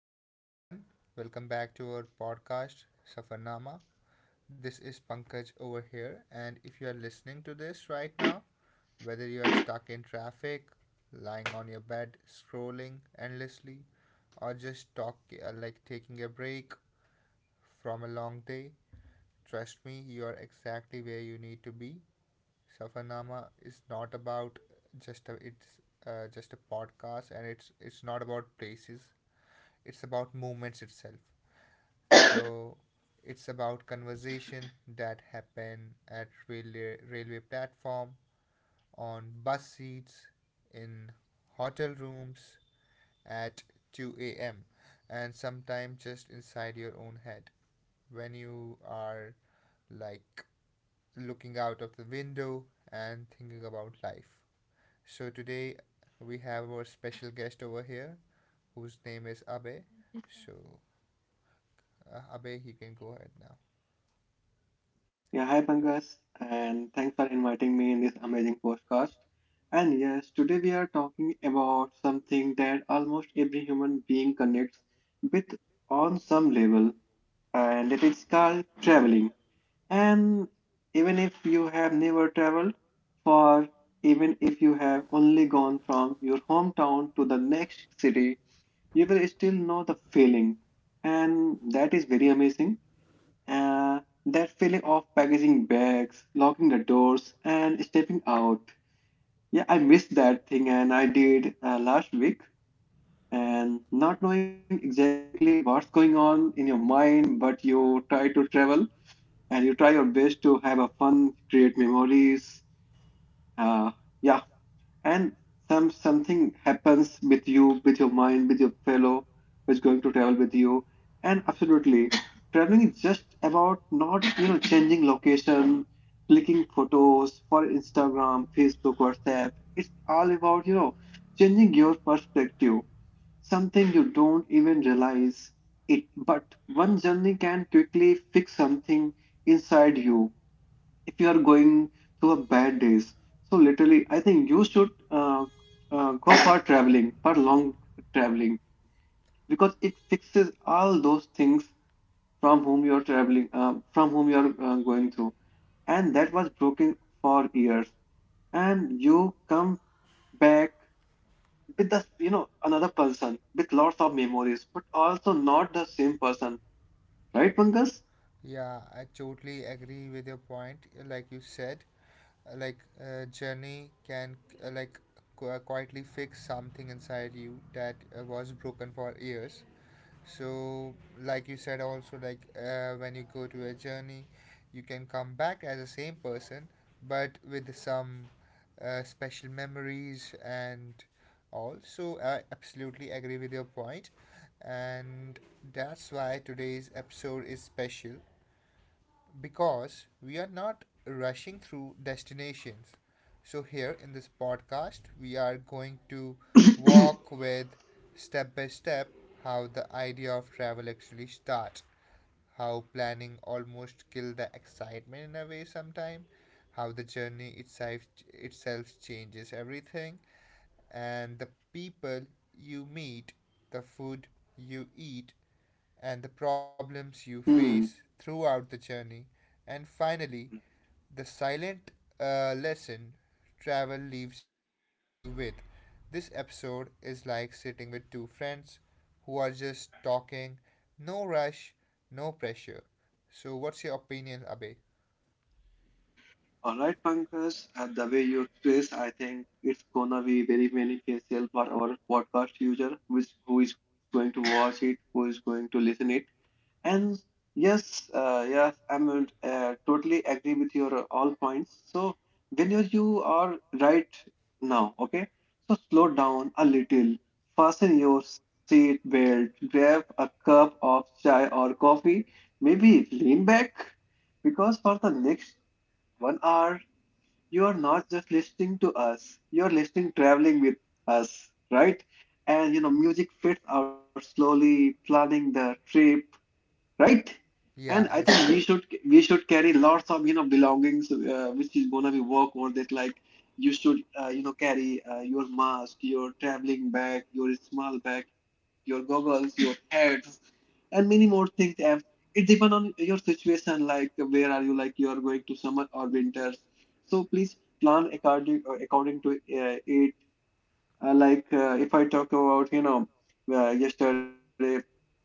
Hello, everyone. Welcome back to our podcast, Safarnama. This is Pankaj over here. And if you are listening to this right now, whether you are stuck in traffic, lying on your bed, scrolling endlessly, or just talk like taking a break from a long day, trust me, you are exactly where you need to be. Safarnama is not about just a it's just a podcast, and it's not about places. It's about moments itself. So it's about conversation that happen at railway platform, on bus seats, in hotel rooms at 2 a.m. and sometimes just inside your own head when you are like looking out of the window and thinking about life. So today we have our special guest over here whose name is Abhay. So Abe, you can go ahead now. Yeah, hi Pankaj, and thanks for inviting me in this amazing podcast. And yes, today we are talking about something that almost every human being connects with on some level, and it is called traveling. And even if you have never traveled, or even if you have only gone from your hometown to the next city, you will still know the feeling, and that is very amazing. Uh, that feeling of packaging bags, locking the doors, and stepping out. Yeah, I missed that thing, and I did last week. And not knowing exactly what's going on in your mind, but you try to travel and you try your best to have a fun, create memories. Uh, yeah, and something happens with you, with your mind, with your fellow who's going to travel with you. And absolutely, traveling is just about not changing location, clicking photos for Instagram, Facebook, WhatsApp. It's all about changing your perspective, something you don't even realize it, but one journey can quickly fix something inside you if you are going through a bad days. So literally I think you should uh, go for traveling, for long traveling, because it fixes all those things from whom you are traveling, from whom you are going through, and that was broken for years. And you come back with the another person, with lots of memories, but also not the same person, right Pankaj? Yeah, I totally agree with your point. Like you said, journey can uh, like quietly fix something inside you that was broken for years. So, like you said, also when you go to a journey, you can come back as the same person, but with some special memories and all. So, I absolutely agree with your point, and that's why today's episode is special because we are not rushing through destinations. So, here in this podcast, we are going to walk with step by step how the idea of travel actually starts, how planning almost kills the excitement in a way sometime, how the journey itself changes everything, and the people you meet, the food you eat, and the problems you Hmm. face throughout the journey. And finally, the silent lesson travel leaves you with. This episode is like sitting with two friends who are just talking, no rush, no pressure. So, what's your opinion, Abe? All right, Pankaj, and the way you express, I think it's gonna be very beneficial for our podcast user, which who is going to watch it, who is going to listen it. And yes, yes, I'm totally agree with your all points. So when you are right now, okay, so slow down a little, fasten your seat belt, grab a cup of chai or coffee, maybe lean back, because for the next 1 hour you are not just listening to us, you're listening, traveling with us, right? And you know, music fits out slowly, planning the trip, right? And Yeah, I think ex- we should carry lots of belongings, which is gonna be work worth it. Like you should carry your mask, your traveling bag, your small bag, your goggles, your hats, and many more things. Have. It depends on your situation, like where are you, like you are going to summer or winter. So please plan according to it. Like if I talk about yesterday.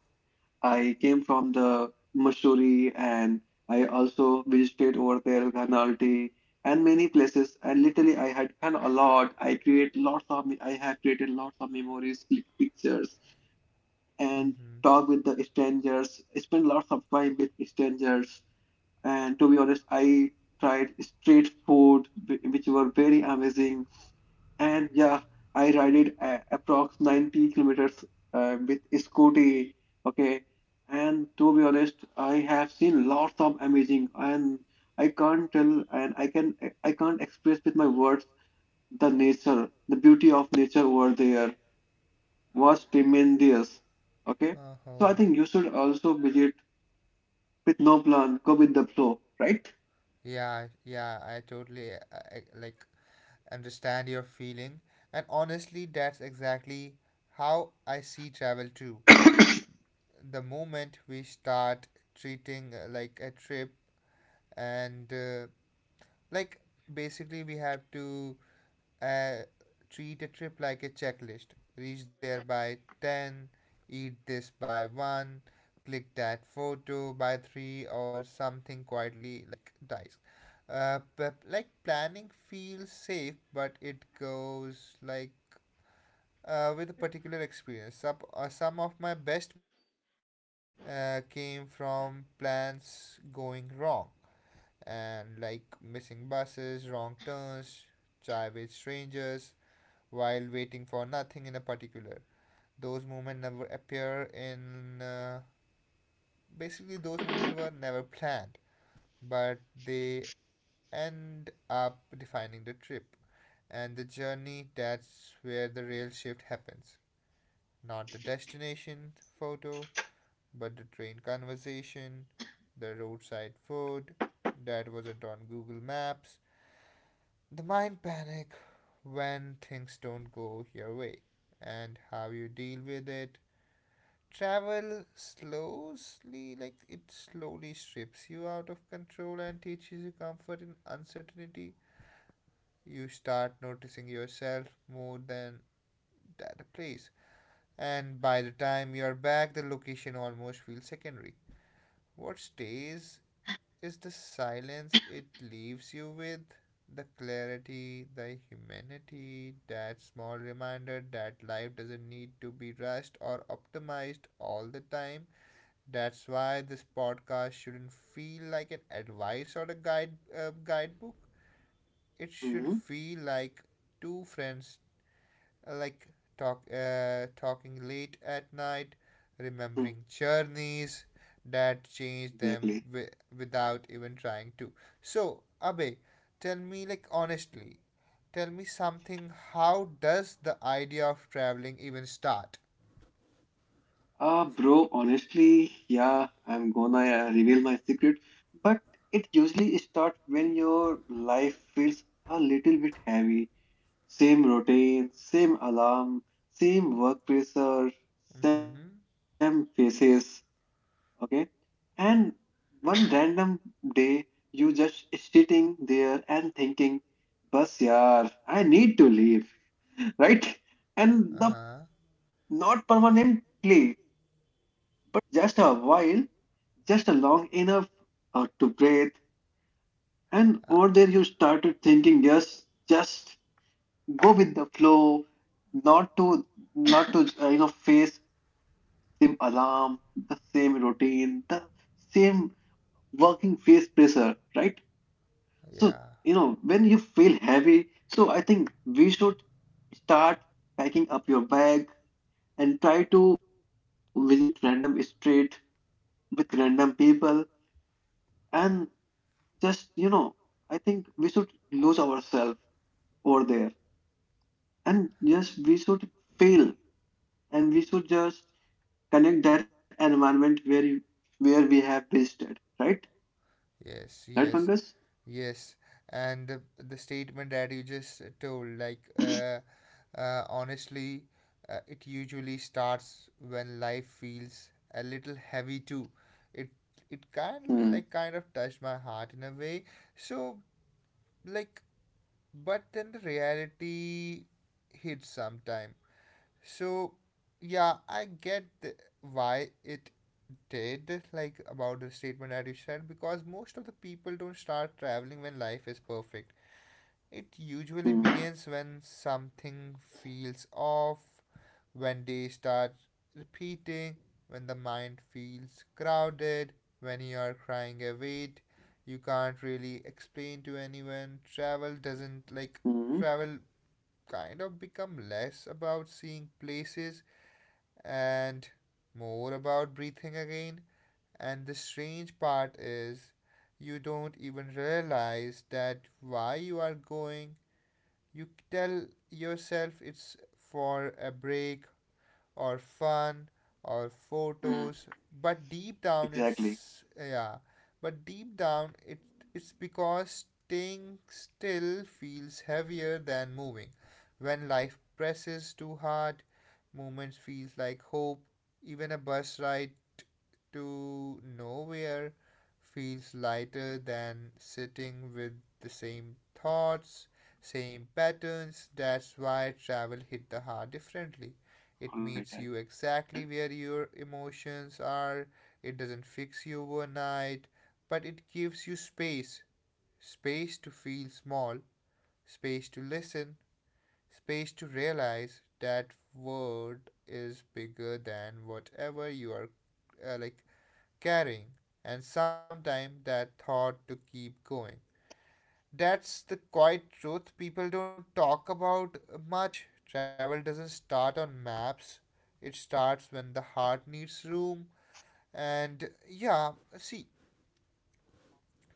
I came from the Mussoorie, and I also visited over there Ghanalti and many places. And literally, I had fun a lot. I create lots of me- I have created lots of memories, click pictures, and hmm, talk with the strangers. Spend lots of time with strangers. And to be honest, I tried street food, which were very amazing. And yeah, I ride it a approx 90 kilometers with scooty. Okay. And to be honest, I have seen lots of amazing, and I can't tell and I can I can't express with my words the nature. The beauty of nature over there was tremendous. Okay. So I uh-huh. think you should also visit with no plan, go with the flow, right? Yeah, yeah, I totally understand your feeling. And honestly, that's exactly how I see travel too. The moment we start treating like a trip and like basically we have to uh, treat a trip like a checklist. Reach there by 10, eat this by 1, click that photo by 3, or something quietly like dice. But planning feels safe, but it goes with a particular experience. Some of my best moments came from plans going wrong and missing buses, wrong turns, chai with strangers, while waiting for nothing in a particular. Those movements never appear in. Basically, those movements were never planned, but they end up defining the trip and the journey. That's where the real shift happens. Not the destination photo, but the train conversation, the roadside food that wasn't on Google Maps, the mind panic when things don't go your way, and how you deal with it. Travel slowly, it slowly strips you out of control and teaches you comfort in uncertainty. You start noticing yourself more than that place, and by the time you are back, the location almost feels secondary. What stays is the silence it leaves you with, the clarity, the humanity, that small reminder that life doesn't need to be rushed or optimized all the time. That's why this podcast shouldn't feel like an advice or a guidebook. It Hmm. should feel like two friends uh, like talking late at night, remembering journeys that changed them Exactly. Without even trying to. So, Abe, tell me, like, honestly, tell me something. How does the idea of traveling even start? Bro, honestly, yeah, I'm gonna reveal my secret, but it usually starts when your life feels a little bit heavy. Same routine, same alarm, same work pressure, same Mm-hmm. faces, okay? And one random day, you just sitting there and thinking, Bus, yaar, I need to leave, right? And Uh the huh. not permanently, but just a while, just a long enough to breathe. And over Uh, there, you started thinking, yes, just go with the flow, not to, not to, you know, face same alarm, the same routine, the same working face pressure, right? So, Yeah, you know, when you feel heavy, so I think we should start packing up your bag and try to visit random street with random people, and just I think we should lose ourselves over there, and just we should fail, and we should just connect that environment where where we have visited, right? yes, Right yes, Pankaj? yes. And the statement that you just told, honestly, it usually starts when life feels a little heavy too. It Hmm. kind of touched my heart in a way. So, like, but then the reality hits sometime. So, yeah, I get why it did, like, about the statement that you said, because most of the people don't start traveling when life is perfect. It usually Hmm. begins when something feels off, when days start repeating, when the mind feels crowded, when you are crying a weight you can't really explain to anyone. Travel doesn't like Hmm. Travel kind of become less about seeing places and more about breathing again. And the strange part is, you don't even realize that why you are going. You tell yourself it's for a break or fun or Hmm. photos, but deep down Exactly. it's yeah, but deep down it's because staying still feels heavier than moving. When life presses too hard, movement feels like hope. Even a bus ride to nowhere feels lighter than sitting with the same thoughts, same patterns. That's why travel hit the All right, heart I can differently. understand. It meets you exactly where your emotions are. It doesn't fix you overnight, but it gives you space, space to feel small, space to listen, space to realize that world is bigger than whatever you are uh, like carrying, and sometimes that thought to keep going, that's the quiet truth people don't talk about much. Travel doesn't start on maps, it starts when the heart needs room. And yeah, see,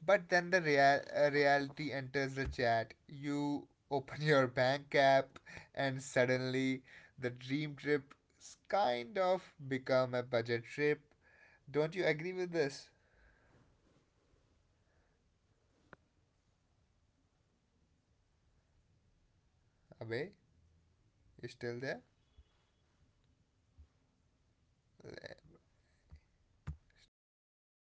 but then the reality enters the chat. You open your bank app, and suddenly the dream trip kind of become a budget trip. Don't you agree with this? Abhay, you still there? Stop.